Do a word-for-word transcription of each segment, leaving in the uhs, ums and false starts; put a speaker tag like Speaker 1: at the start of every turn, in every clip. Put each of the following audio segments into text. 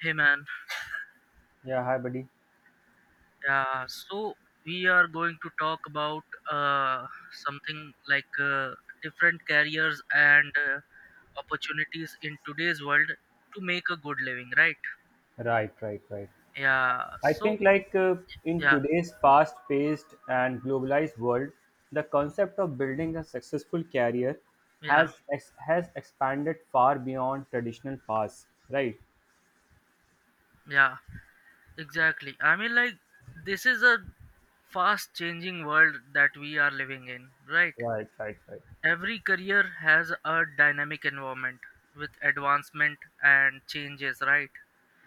Speaker 1: Hey man,
Speaker 2: Yeah, hi, buddy.
Speaker 1: yeah. So we are going to talk about uh, something like uh, different careers and uh, opportunities in today's world to make a good living, right?
Speaker 2: Right, right, right.
Speaker 1: Yeah.
Speaker 2: I
Speaker 1: So
Speaker 2: think, like, uh, in
Speaker 1: yeah,
Speaker 2: today's fast paced and globalized world, the concept of building a successful career
Speaker 1: yeah,
Speaker 2: has ex- has expanded far beyond traditional paths. Right,
Speaker 1: yeah. Exactly. I mean, like this is a fast-changing world that we are living in, right?
Speaker 2: right, right, right.
Speaker 1: Every career has a dynamic environment with advancement and changes, right?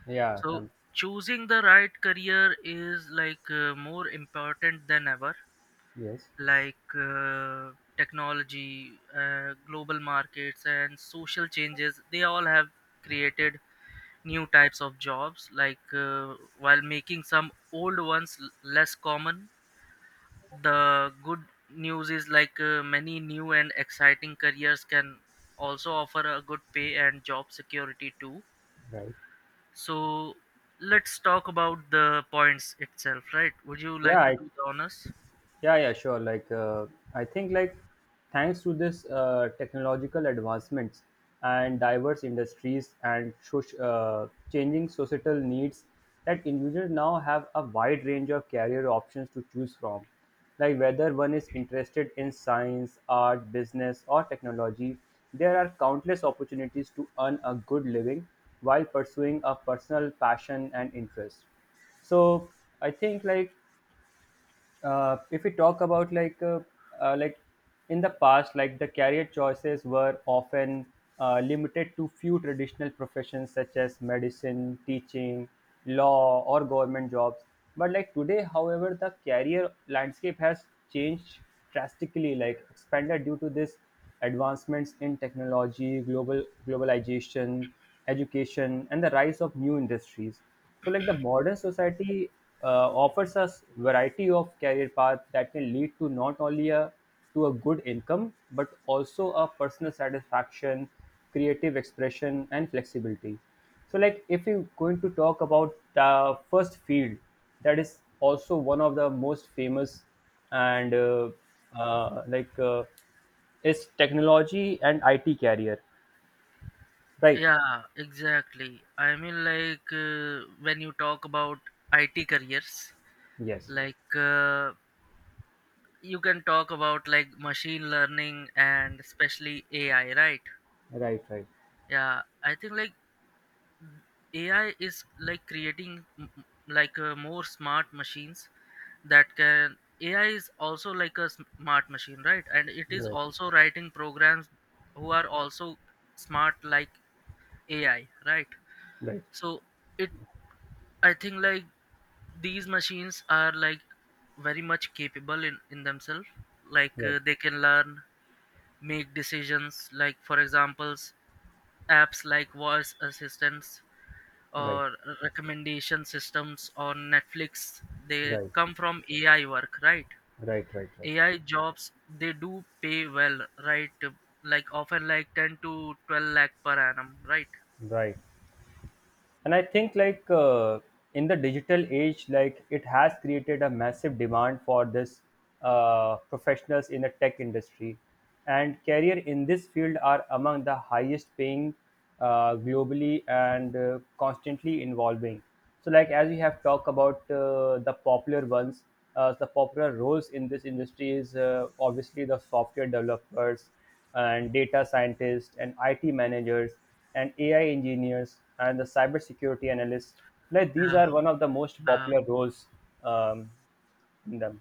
Speaker 2: Yeah,
Speaker 1: So
Speaker 2: come.
Speaker 1: choosing the right career is like uh, more important than ever.
Speaker 2: Yes,
Speaker 1: Like uh, technology, uh, global markets, and social changes, they all have created new types of jobs. Like uh, while making some old ones l- less common, the good news is like uh, many new and exciting careers can also offer a good pay and job security too.
Speaker 2: right.
Speaker 1: So let's talk about the points itself, right? Would you
Speaker 2: Yeah,
Speaker 1: like to
Speaker 2: I
Speaker 1: do the honors?
Speaker 2: yeah, yeah, sure, like uh, i think like thanks to this uh, technological advancements and diverse industries and soc- uh, changing societal needs, that individuals now have a wide range of career options to choose from, like whether one is interested in science, art, business or technology. There are countless opportunities to earn a good living while pursuing a personal passion and interest. So i think like uh, if we talk about like uh, uh, like in the past, like, the career choices were often uh, limited to few traditional professions such as medicine, teaching, law or government jobs. But, like, today, however, the career landscape has changed drastically, like, expanded due to this advancements in technology, global globalization, education and the rise of new industries. So, like, the modern society uh, offers us variety of career path that can lead to not only a to a good income, but also a personal satisfaction, creative expression and flexibility. So, like, if you're going to talk about the first field, that is also one of the most famous, and uh, uh, like uh, is technology and IT career, right?
Speaker 1: Yeah, exactly. I mean, like uh, when you talk about I T careers,
Speaker 2: Yes.
Speaker 1: like uh, you can talk about like machine learning and especially A I, right?
Speaker 2: Right, right,
Speaker 1: Yeah, I think like A I is like creating m- m- like uh, more smart machines that can A I is also like a sm- smart machine, right? And it is
Speaker 2: right,
Speaker 1: also writing programs who are also smart like A I, right?
Speaker 2: right,
Speaker 1: So it I think like these machines are like very much capable in in themselves. Like
Speaker 2: right.
Speaker 1: uh, they can learn, make decisions, like for examples, apps like voice assistants or
Speaker 2: Right,
Speaker 1: recommendation systems on Netflix, they
Speaker 2: right,
Speaker 1: come from A I work, right?
Speaker 2: right, right, right,
Speaker 1: A I jobs, they do pay well, right? Like often like ten to twelve lakh per annum, right?
Speaker 2: right. And i think like uh, in the digital age, like, it has created a massive demand for this uh, professionals in the tech industry, and career in this field are among the highest paying uh, globally and uh, constantly evolving. So, like, as we have talked about uh, the popular ones, uh, the popular roles in this industry is, uh, obviously, the software developers and data scientists and IT managers and A I engineers and the cybersecurity analysts. Like, these
Speaker 1: Yeah,
Speaker 2: are one of the most
Speaker 1: yeah,
Speaker 2: popular roles um, in them.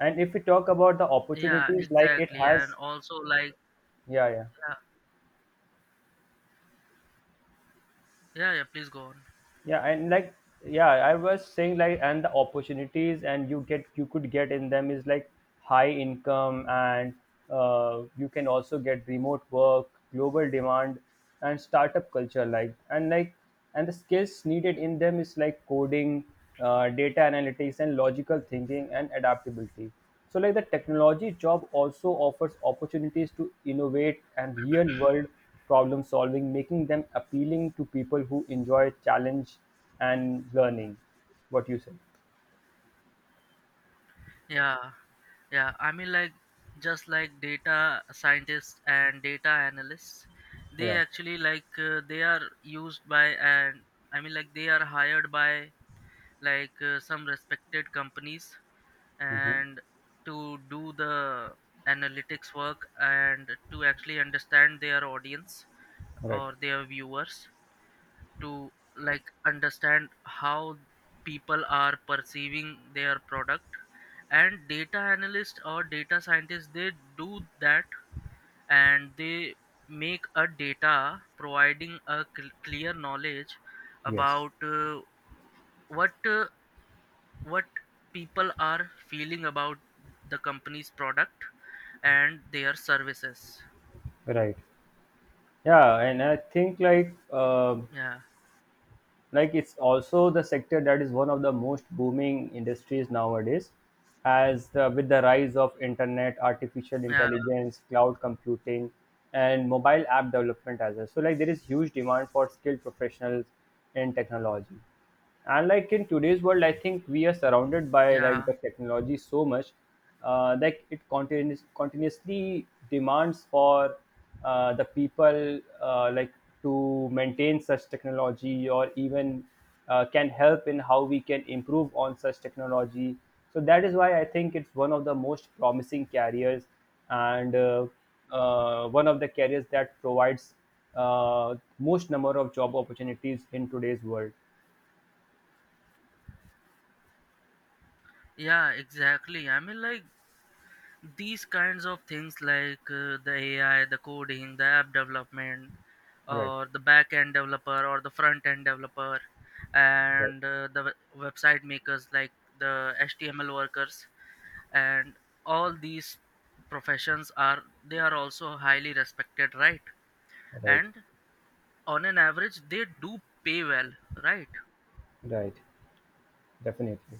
Speaker 2: And if we talk about the
Speaker 1: yeah,
Speaker 2: opportunities, like, it
Speaker 1: exactly. And
Speaker 2: has,
Speaker 1: also like
Speaker 2: yeah, yeah.
Speaker 1: yeah, yeah, yeah, please go on.
Speaker 2: yeah and like yeah i was saying like and the opportunities and you get you could get in them is like high income and uh, you can also get remote work, global demand and startup culture like, and like and the skills needed in them is like coding, uh, data analytics and logical thinking and adaptability. So, like, the technology job also offers opportunities to innovate and real world problem solving, making them appealing to people who enjoy challenge and learning. What you said?
Speaker 1: Yeah, yeah. I mean like just like data scientists and data analysts, they
Speaker 2: Yeah.
Speaker 1: actually like uh, they are used by and I mean like they are hired by like uh, some respected companies
Speaker 2: Hmm.
Speaker 1: and to do the analytics work and to actually understand their audience
Speaker 2: Right.
Speaker 1: or their viewers, to like understand how people are perceiving their product. And data analyst or data scientist, they do that, and they make a data providing a cl- clear knowledge
Speaker 2: Yes.
Speaker 1: about uh, what uh, what people are feeling about the company's product and their services.
Speaker 2: Right. Yeah, and I think like uh,
Speaker 1: Yeah,
Speaker 2: like it's also the sector that is one of the most booming industries nowadays, as the, with the rise of internet, artificial
Speaker 1: yeah,
Speaker 2: intelligence, cloud computing, and mobile app development as well. So, like, there is huge demand for skilled professionals in technology. And like in today's world, I think we are surrounded by like
Speaker 1: yeah,
Speaker 2: the technology so much. Uh, like, it continuous, continuously demands for uh, the people, uh, like, to maintain such technology, or even uh, can help in how we can improve on such technology. So that is why i think it's one of the most promising careers, and uh, uh, one of the careers that provides uh, most number of job opportunities in today's world,
Speaker 1: yeah, exactly. I mean like these kinds of things like uh, the A I, the coding, the app development,
Speaker 2: right?
Speaker 1: or the back end developer or the front end developer,
Speaker 2: Right,
Speaker 1: and uh, the we- website makers like the H T M L workers, and all these professions are they are also highly respected, right?
Speaker 2: right,
Speaker 1: And on an average they do pay well, right?
Speaker 2: right. Definitely.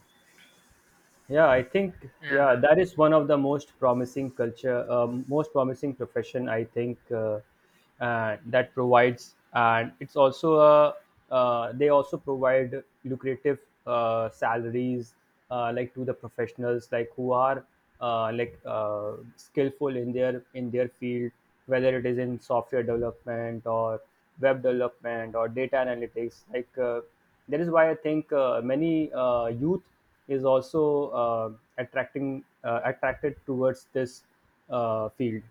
Speaker 2: yeah i think yeah
Speaker 1: Yeah,
Speaker 2: that is one of the most promising culture, um, most promising profession, i think uh, uh, that provides, and it's also a, uh, they also provide lucrative uh, salaries, uh, like, to the professionals like who are uh, like uh, skillful in their in their field, whether it is in software development or web development or data analytics, like uh, that is why i think uh, many uh, youth is also uh, attracting uh, attracted towards this uh, field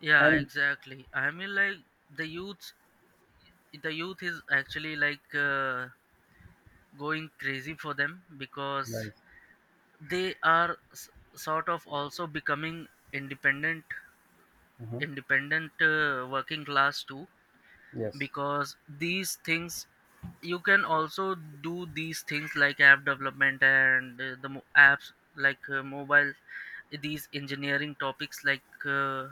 Speaker 1: yeah,
Speaker 2: and
Speaker 1: exactly. I mean like the youths, the youth is actually like uh, going crazy for them, because
Speaker 2: right.
Speaker 1: they are s- sort of also becoming independent,
Speaker 2: Hmm.
Speaker 1: independent uh, working class too,
Speaker 2: Yes.
Speaker 1: because these things you can also do these things like app development and uh, the mo- apps like uh, mobile, these engineering topics like uh,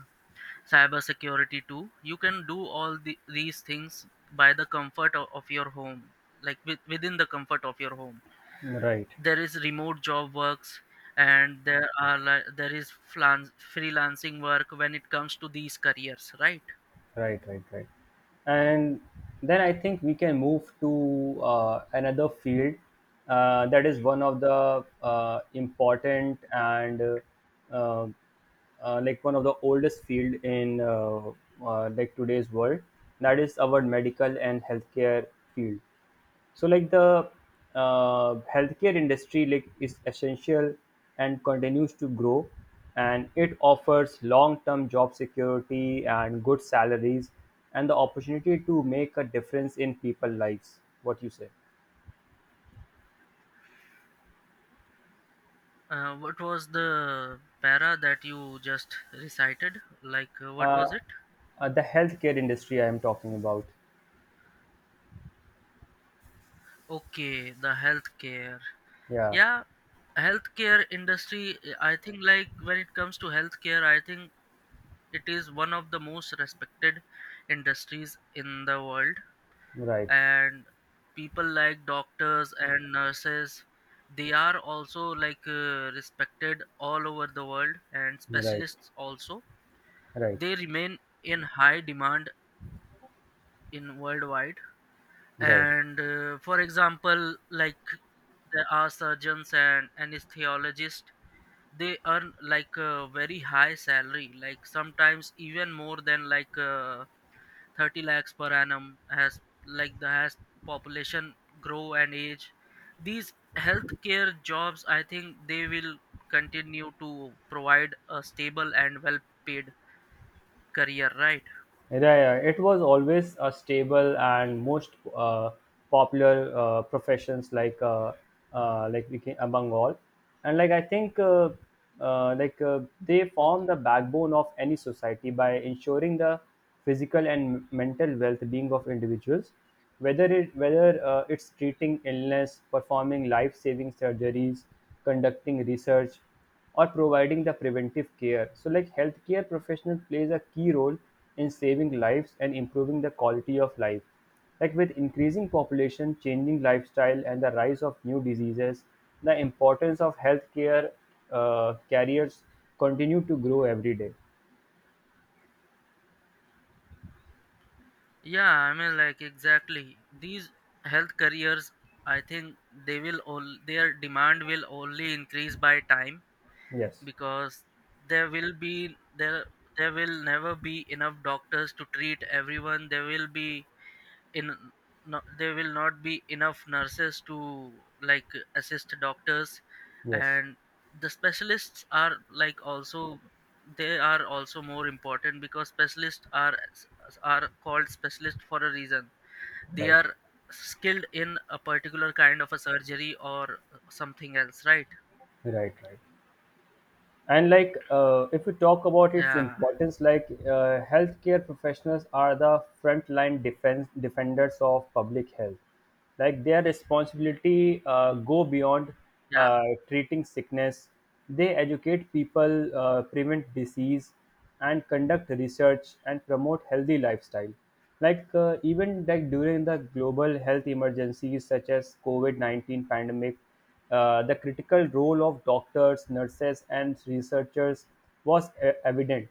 Speaker 1: cybersecurity too. You can do all the, these things by the comfort of, of your home, like with, within the comfort of your home.
Speaker 2: Right,
Speaker 1: There is remote job works, and there are like, there is flan- freelancing work when it comes to these careers, right?
Speaker 2: right, right, right. And then i think we can move to uh, another field uh, that is one of the uh, important and, uh, uh, uh, like one of the oldest field in, uh, uh, like today's world, that is our medical and healthcare field. So, like, the uh, healthcare industry, like, is essential and continues to grow, and it offers long-term job security and good salaries and the opportunity to make a difference in people's lives. What you say?
Speaker 1: Uh, what was the para that you just recited? Like, uh, what was
Speaker 2: uh,
Speaker 1: it?
Speaker 2: uh, the healthcare industry I am talking about.
Speaker 1: Okay, the healthcare.
Speaker 2: Yeah.
Speaker 1: Yeah, healthcare industry. uh, I think like when it comes to healthcare, I think it is one of the most respected industries in the world,
Speaker 2: Right,
Speaker 1: and people like doctors and nurses, they are also like uh, respected all over the world, and
Speaker 2: right,
Speaker 1: specialists also.
Speaker 2: right,
Speaker 1: They remain in high demand in worldwide.
Speaker 2: right.
Speaker 1: And uh, for example, like there are surgeons and anesthesiologists, they earn like a very high salary, like sometimes even more than like uh, thirty lakhs per annum, as like the as population grow and age, these healthcare jobs I think they will continue to provide a stable and well paid career, right?
Speaker 2: Right. uh, It was always a stable and most uh, popular uh, professions, like uh, uh, like, we can, among all, and like I think uh, uh, like uh, they form
Speaker 1: Okay,
Speaker 2: the backbone of any society by ensuring the physical and mental well-being of individuals, whether it whether, uh, it's treating illness, performing life-saving surgeries, conducting research, or providing the preventive care. So, like, healthcare professional plays a key role in saving lives and improving the quality of life. Like, with increasing population, changing lifestyle, and the rise of new diseases, the importance of healthcare uh, carriers continue to grow every day.
Speaker 1: yeah, I mean like exactly, these health careers I think they will, all their demand will only increase by time,
Speaker 2: Yes,
Speaker 1: because there will be, there there will never be enough doctors to treat everyone, there will be, in no, there will not be enough nurses to like assist doctors,
Speaker 2: yes,
Speaker 1: and the specialists are like also, they are also more important because specialists are are called specialist for a reason. They
Speaker 2: right,
Speaker 1: are skilled in a particular kind of a surgery or something else, right?
Speaker 2: right, right. And like uh, if we talk about its
Speaker 1: Yeah,
Speaker 2: importance, like uh, healthcare professionals are the frontline defense defenders of public health, like their responsibility uh, go beyond
Speaker 1: yeah,
Speaker 2: uh, treating sickness. They educate people, uh, prevent disease and conduct research and promote healthy lifestyle. Like uh, even like during the global health emergencies such as covid nineteen pandemic, uh, the critical role of doctors, nurses, and researchers was e- evident.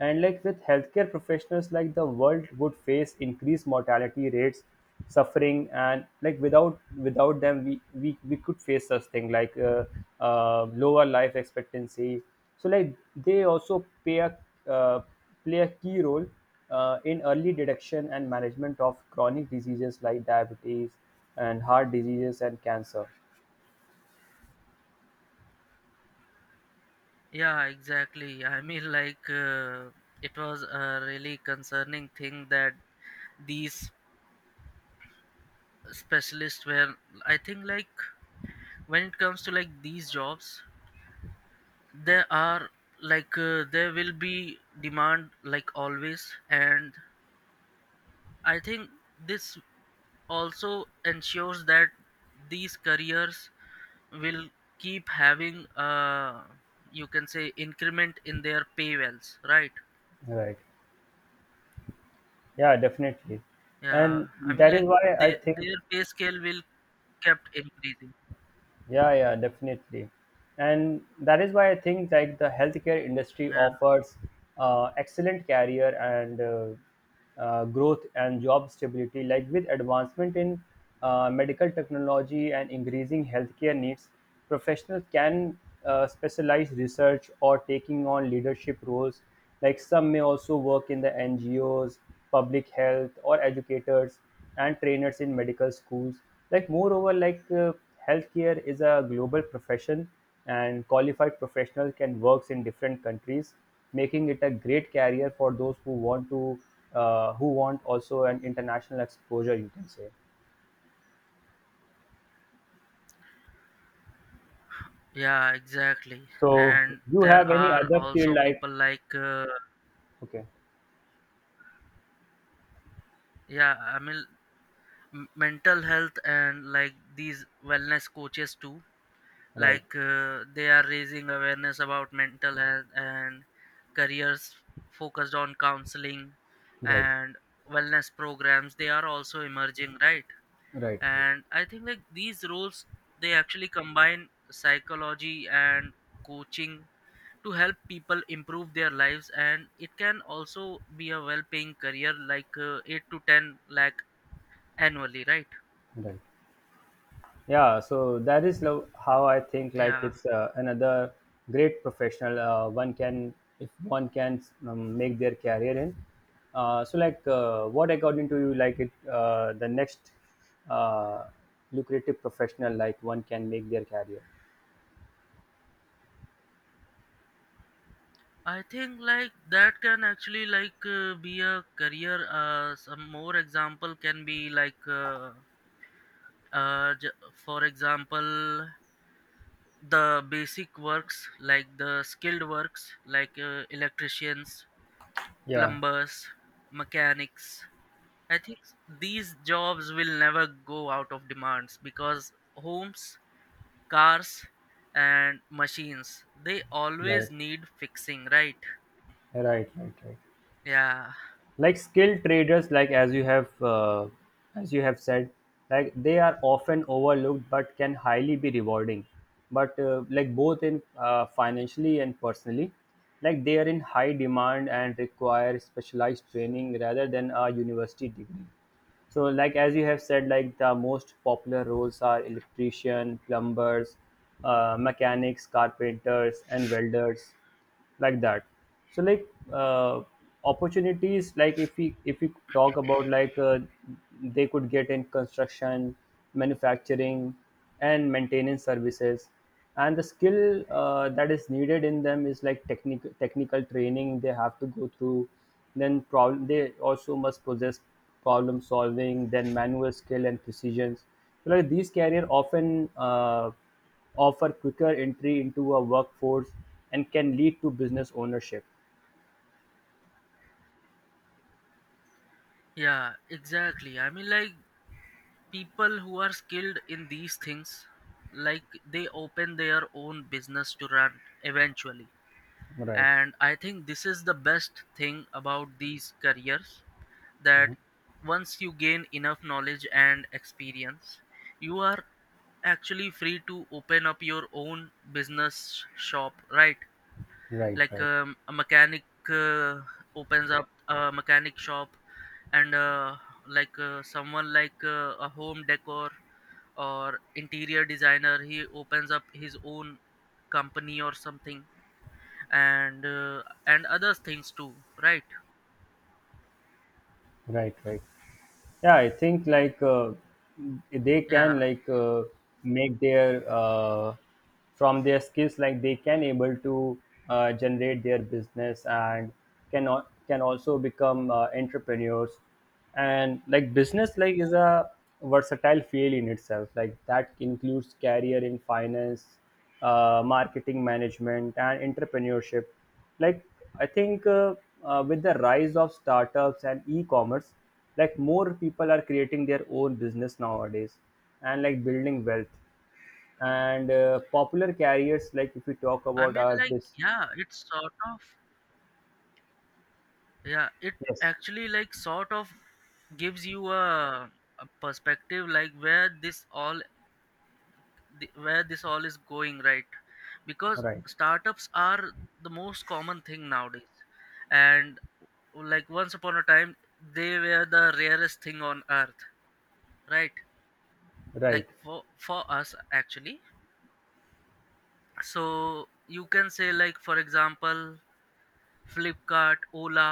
Speaker 2: And like with healthcare professionals, like the world would face increased mortality rates, suffering, and like without without them, we we, we could face such thing like, uh, uh, lower life expectancy. So, like, they also play a, uh, play a key role uh, in early detection and management of chronic diseases like diabetes and heart diseases and cancer.
Speaker 1: yeah, exactly. I mean like uh, it was a really concerning thing that these specialists where, I think like when it comes to like these jobs, there are like uh, there will be demand like always, and I think this also ensures that these careers will keep having uh you can say increment in their pay wells, right?
Speaker 2: Right. Yeah, definitely.
Speaker 1: Yeah,
Speaker 2: And
Speaker 1: I mean
Speaker 2: that is
Speaker 1: like
Speaker 2: why I
Speaker 1: they, their
Speaker 2: think,
Speaker 1: pay scale will kept increasing.
Speaker 2: yeah, yeah, definitely. And that is why I think like the healthcare industry
Speaker 1: Yeah.
Speaker 2: offers uh, excellent career and uh, uh, growth and job stability. Like, with advancement in uh, medical technology and increasing healthcare needs, professionals can uh, specialize research or taking on leadership roles. Like, some may also work in the N G Os, public health, or educators and trainers in medical schools. Like, moreover, like, uh, healthcare is a global profession and qualified professional can works in different countries, making it a great career for those who want to, uh, who want also an international exposure, you can say.
Speaker 1: Yeah, exactly.
Speaker 2: So
Speaker 1: And
Speaker 2: you
Speaker 1: there
Speaker 2: have any
Speaker 1: are
Speaker 2: other field,
Speaker 1: also
Speaker 2: like?
Speaker 1: people like, uh,
Speaker 2: Okay.
Speaker 1: yeah, I mean, m- mental health and like these wellness coaches too.
Speaker 2: Right,
Speaker 1: Like uh, they are raising awareness about mental health and careers focused on counseling
Speaker 2: right,
Speaker 1: and wellness programs. They are also emerging, right?
Speaker 2: right,
Speaker 1: And I think like these roles, they actually combine psychology and coaching to help people improve their lives, and it can also be a well paying career like uh, eight to ten lakh annually, right?
Speaker 2: right, right. Yeah, so that is lo- how I think. Like,
Speaker 1: Yeah,
Speaker 2: it's uh, another great professional. Uh, one can, if one can, um, make their career in. Uh, so, like, uh, what according to you, like it, uh, the next uh, lucrative professional, like one can make their career.
Speaker 1: I think like that can actually like uh, be a career. Uh, some more example can be like uh, uh, j- for example, the basic works like the skilled works, like uh, electricians,
Speaker 2: Yeah,
Speaker 1: plumbers, mechanics. I think these jobs will never go out of demands, because homes, cars, and machines they
Speaker 2: right,
Speaker 1: always need fixing, right?
Speaker 2: right, right, right.
Speaker 1: Yeah,
Speaker 2: Like, skilled traders, like as you have, uh, as you have said, like they are often overlooked but can highly be rewarding, but, uh, like, both in, uh, financially and personally. Like, they are in high demand and require specialized training rather than a university degree. So, like as you have said, like the most popular roles are electrician, plumbers, uh, mechanics, carpenters, and welders, like that. So, like, uh, opportunities, like if we if we talk about, like uh, they could get in construction, manufacturing, and maintenance services. And the skill, uh, that is needed in them is like technical technical training they have to go through, then problem they also must possess problem solving, then manual skill and precision. So like these career often uh, offer quicker entry into a workforce and can lead to business ownership.
Speaker 1: yeah, exactly. I mean like people who are skilled in these things, like they open their own business to run eventually.
Speaker 2: Right,
Speaker 1: And I think this is the best thing about these careers, that once you gain enough knowledge and experience, you are actually free to open up your own business shop, right?
Speaker 2: right,
Speaker 1: Like
Speaker 2: right,
Speaker 1: um, a mechanic uh, opens up a mechanic shop, and uh, like uh, someone like uh, a home decor or interior designer, he opens up his own company or something, and uh, and other things too, right?
Speaker 2: right, right. yeah i think like uh, they can,
Speaker 1: Yeah,
Speaker 2: like uh, make their, uh, from their skills, like they can able to uh, generate their business and can al- can also become uh, entrepreneurs. And like business, like, is a versatile field in itself, like that includes career in finance, uh, marketing, management and entrepreneurship. Like, i think uh, uh, with the rise of startups and e-commerce, like, more people are creating their own business nowadays and like building wealth. And, uh, popular carriers, like if we talk
Speaker 1: I
Speaker 2: about
Speaker 1: mean
Speaker 2: are
Speaker 1: like,
Speaker 2: this,
Speaker 1: yeah, it's sort of, yeah, it
Speaker 2: yes,
Speaker 1: actually like sort of gives you a, a perspective, like where this all, the, where this all is going, right, because
Speaker 2: right,
Speaker 1: startups are the most common thing nowadays, and like once upon a time they were the rarest thing on earth, right, like
Speaker 2: right,
Speaker 1: for for us actually. So you can say like for example, Flipkart, Ola,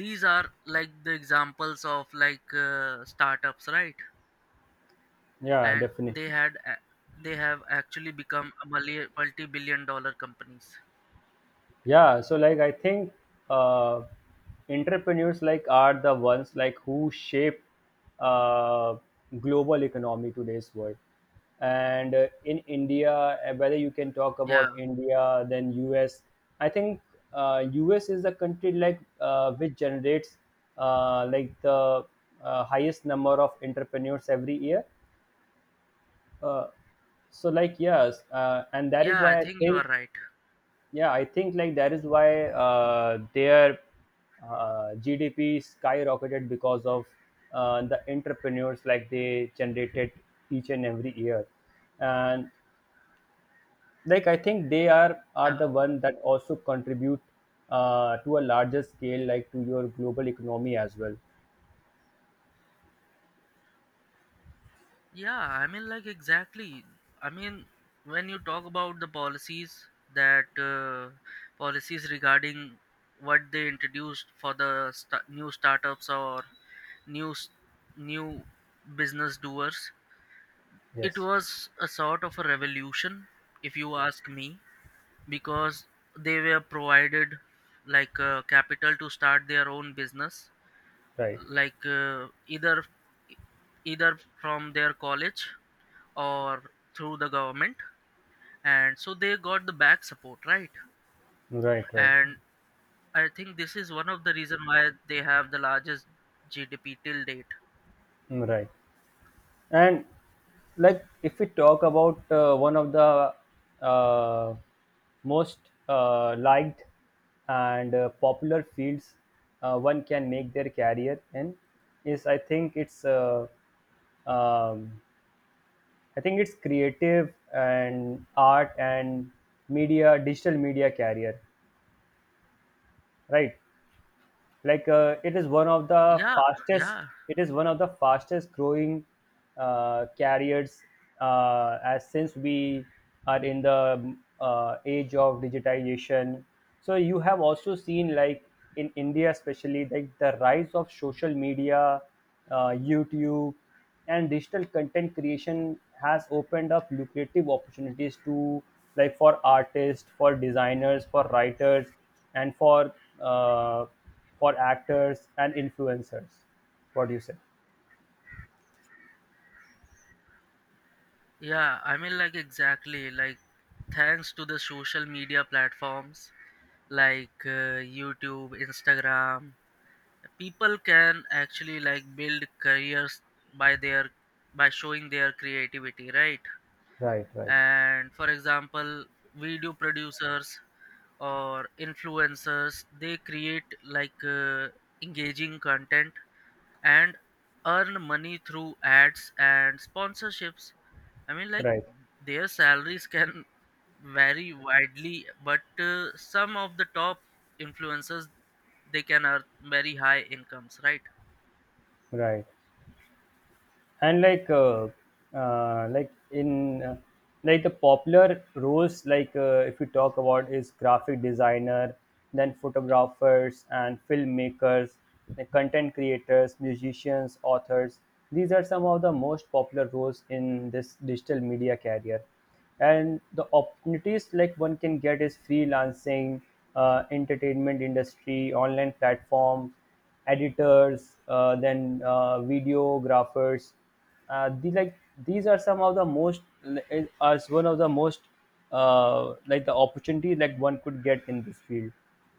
Speaker 1: these are like the examples of like uh, startups, right.
Speaker 2: yeah,
Speaker 1: And
Speaker 2: definitely.
Speaker 1: they had a- they have actually become a multi- multi-billion dollar companies.
Speaker 2: Yeah, so like I think, uh, entrepreneurs, like, are the ones like who shape, uh, global economy today's world. And, uh, in India, uh, whether you can talk
Speaker 1: Yeah,
Speaker 2: about India, then U S, I think uh, U S is the country like, uh, which generates, uh, like the, uh, highest number of entrepreneurs every year. Uh, so like yes, uh, and that is
Speaker 1: yeah, I
Speaker 2: why I
Speaker 1: think you are
Speaker 2: think
Speaker 1: right.
Speaker 2: yeah i think like that is why uh, their uh, G D P skyrocketed because of uh, the entrepreneurs like they generated each and every year and like I think they are are
Speaker 1: Yeah,
Speaker 2: the one that also contribute uh, to a larger scale like to your global economy as well.
Speaker 1: yeah, I mean like exactly. I mean when you talk about the policies, that uh, policies regarding what they introduced for the sta- new startups or new s- new business doers, it
Speaker 2: Yes,
Speaker 1: was a sort of a revolution if you ask me, because they were provided like uh, capital to start their own business,
Speaker 2: right,
Speaker 1: like uh, either either from their college or through the government, and so they got the back support, right.
Speaker 2: right, right,
Speaker 1: And I think this is one of the reason why they have the largest G D P till date.
Speaker 2: right. And like if we talk about uh, one of the uh, most uh, liked and uh, popular fields uh, one can make their career in is I think it's uh, um, I think it's creative and art and media, digital media career, right? Like uh, it is one of the
Speaker 1: Yeah,
Speaker 2: fastest,
Speaker 1: yeah,
Speaker 2: it is one of the fastest growing uh, carriers, uh, as since we are in the uh, age of digitization. So you have also seen like in India especially like the rise of social media, uh, YouTube and digital content creation has opened up lucrative opportunities to, like for artists, for designers, for writers, and for uh, for actors and influencers. What do you say?
Speaker 1: yeah, I mean like exactly, like thanks to the social media platforms like uh, YouTube, Instagram, people can actually like build careers by their by showing their creativity, right.
Speaker 2: Right, right,
Speaker 1: And for example, video producers or influencers, they create like uh, engaging content and earn money through ads and sponsorships. I mean like
Speaker 2: right,
Speaker 1: their salaries can vary widely, but uh, some of the top influencers, they can earn very high incomes, right.
Speaker 2: right. And like uh, uh, like in uh, like the popular roles like uh, if we talk about is graphic designer, then photographers and filmmakers, the content creators, musicians, authors, these are some of the most popular roles in this digital media career. And the opportunities like one can get is freelancing, uh, entertainment industry, online platforms, editors, uh, then uh, videographers. Uh, the, like these are some of the most, as one of the most uh, like the opportunity like one could get in this field.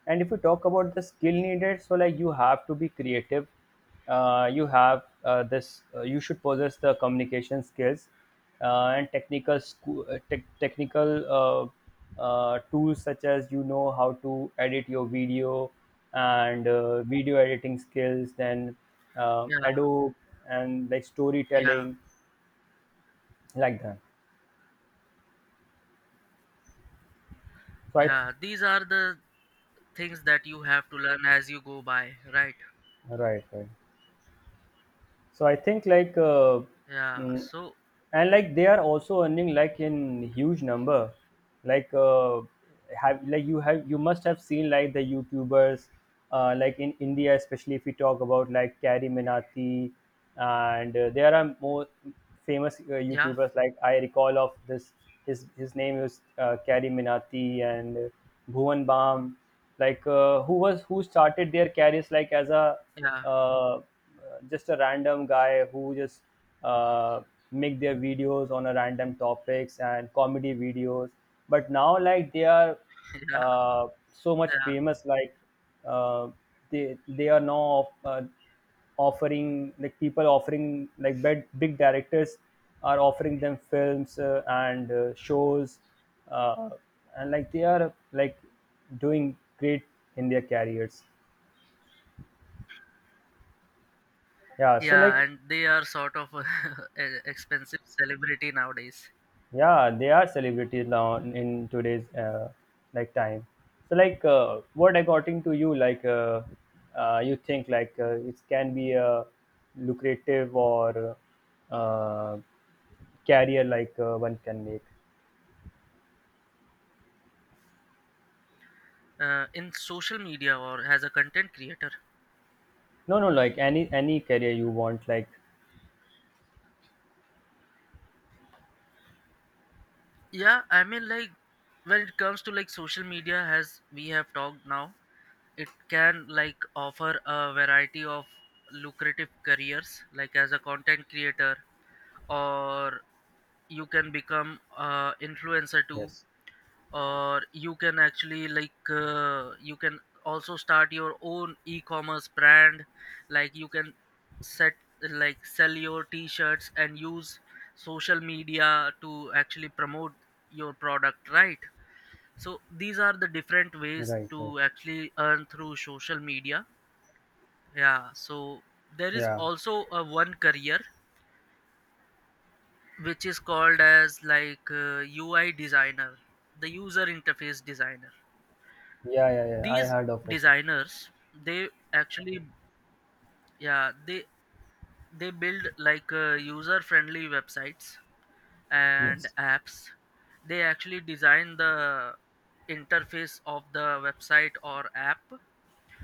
Speaker 2: And if you talk about the skill needed, so like you have to be creative, uh, you have uh, this uh, you should possess the communication skills uh, and technical sco- uh, tech technical uh, uh, tools such as you know how to edit your video, and uh, video editing skills, then um,
Speaker 1: Yeah.
Speaker 2: Adobe, and like
Speaker 1: Yeah,
Speaker 2: storytelling like that. So i
Speaker 1: yeah. These are the things that you have to learn as you go by, right?
Speaker 2: right, right. So I think like uh,
Speaker 1: Yeah.
Speaker 2: mm,
Speaker 1: So,
Speaker 2: and like they are also earning like in huge number. Like uh, have like you have you must have seen like the YouTubers, uh, like in India, especially if we talk about like Kari Minati, and uh, there are more famous uh,
Speaker 1: yeah,
Speaker 2: YouTubers like I recall of this. His his name is uh, Kari Minati, and uh, Bhuvan Bam, like uh, who was who started their careers like as a
Speaker 1: yeah,
Speaker 2: uh, uh, just a random guy who just uh, make their videos on a random topics and comedy videos, but now like they are
Speaker 1: yeah,
Speaker 2: uh, so much
Speaker 1: yeah,
Speaker 2: famous like uh, they they are now uh, offering like people offering, like big, big directors are offering them films uh, and uh, shows, uh, and like they are like doing great in their careers. Yeah, so
Speaker 1: yeah.
Speaker 2: like,
Speaker 1: And they are sort of a expensive celebrity nowadays.
Speaker 2: yeah, they are celebrities now in today's uh, like time. So like uh, what according to you like uh, uh, you think like uh, it can be a lucrative or uh, career like uh, one can make.
Speaker 1: Uh, in social media or as a content creator?
Speaker 2: No, no, like any any career you want like.
Speaker 1: Yeah, I mean, like when it comes to like social media, as we have talked now, it can like offer a variety of lucrative careers, like as a content creator, or you can become uh, influencer too,
Speaker 2: Yes,
Speaker 1: or you can actually like uh, you can also start your own e-commerce brand. Like you can set, like sell your t-shirts and use social media to actually promote your product, right. So these are the different ways
Speaker 2: right,
Speaker 1: to
Speaker 2: right.
Speaker 1: actually earn through social media. Yeah. So there is
Speaker 2: Yeah,
Speaker 1: also a one career which is called as like uh, U I designer, the user interface designer.
Speaker 2: yeah, yeah, yeah, I
Speaker 1: These
Speaker 2: heard of it.
Speaker 1: designers, they actually, yeah, they they build like uh, user friendly websites and
Speaker 2: Yes.
Speaker 1: apps. They actually design the interface of the website or app,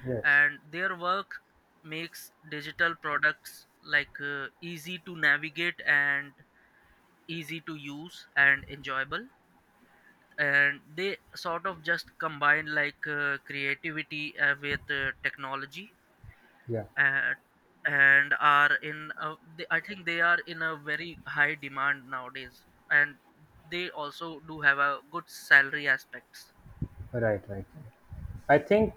Speaker 2: Yes,
Speaker 1: and their work makes digital products like uh, easy to navigate and easy to use and enjoyable. And they sort of just combine like uh, creativity uh, with uh, technology,
Speaker 2: yeah.
Speaker 1: and and are in a, they, I think they are in a very high demand nowadays, and they also do have a good salary aspects.
Speaker 2: Right, right, right. I think,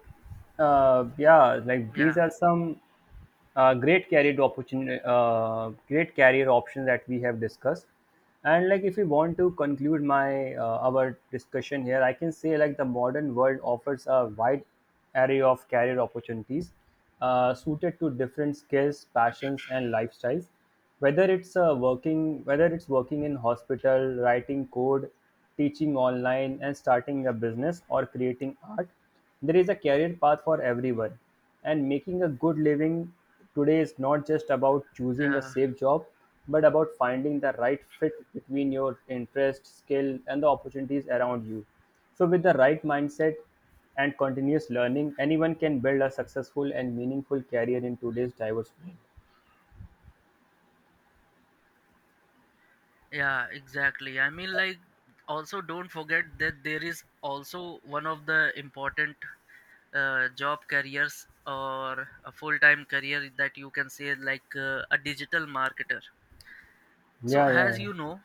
Speaker 2: uh, yeah, like these
Speaker 1: Yeah,
Speaker 2: are some uh, great career opportunity, uh, great career options that we have discussed. And like, if we want to conclude my uh, our discussion here, I can say like the modern world offers a wide array of career opportunities uh, suited to different skills, passions, and lifestyles. Whether it's uh, working, whether it's working in hospital, writing code, teaching online, and starting a business, or creating art, there is a career path for everyone. And making a good living today is not just about choosing a
Speaker 1: yeah,
Speaker 2: safe job, but about finding the right fit between your interest, skill, and the opportunities around you. So with the right mindset and continuous learning, anyone can build a successful and meaningful career in today's diverse world.
Speaker 1: yeah, exactly. I mean like also don't forget that there is also one of the important uh, job careers or a full-time career that you can say like uh, a digital marketer. So
Speaker 2: Yeah, yeah,
Speaker 1: as
Speaker 2: yeah.
Speaker 1: you know,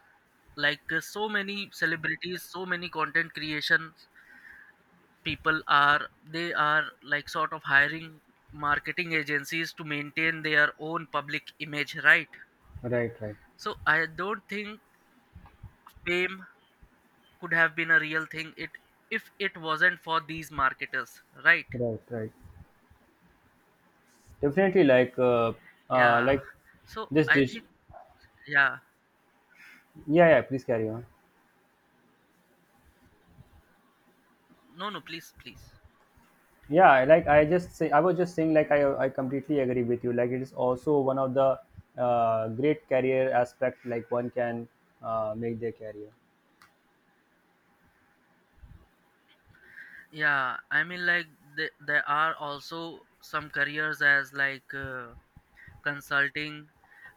Speaker 1: like uh, so many celebrities, so many content creation people are, they are like sort of hiring marketing agencies to maintain their own public image, right.
Speaker 2: Right, right,
Speaker 1: So I don't think fame could have been a real thing, it if it wasn't for these marketers, right?
Speaker 2: right, right. Definitely, like, uh, uh,
Speaker 1: Yeah,
Speaker 2: like
Speaker 1: so
Speaker 2: this
Speaker 1: I
Speaker 2: dish.
Speaker 1: think, yeah,
Speaker 2: Yeah, yeah. Please carry on.
Speaker 1: no, no, please, please.
Speaker 2: Yeah, like I just say, I was just saying, like I, I completely agree with you. Like it is also one of the uh, great career aspect. Like one can uh, make their career.
Speaker 1: Yeah, I mean like the, there are also some careers as like uh, consulting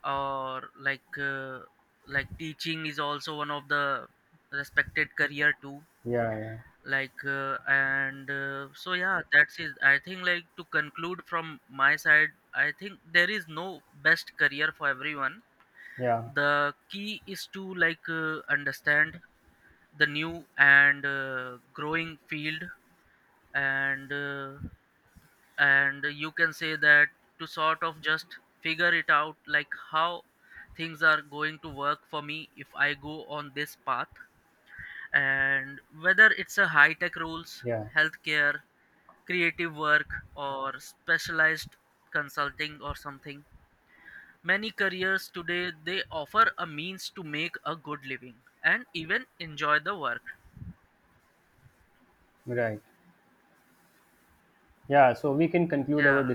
Speaker 1: or like uh, like teaching is also one of the respected career too.
Speaker 2: Yeah, yeah,
Speaker 1: Like uh, and uh, so yeah, that's it. I think like to conclude from my side, I think there is no best career for everyone.
Speaker 2: yeah,
Speaker 1: The key is to like uh, understand the new and uh, growing field, and uh, and you can say that to sort of just figure it out, like how things are going to work for me if I go on this path. And whether it's a high tech rules,
Speaker 2: yeah.
Speaker 1: healthcare, creative work, or specialized consulting or something, many careers today they offer a means to make a good living and even enjoy the work.
Speaker 2: Right. Yeah. So we can conclude our
Speaker 1: Yeah.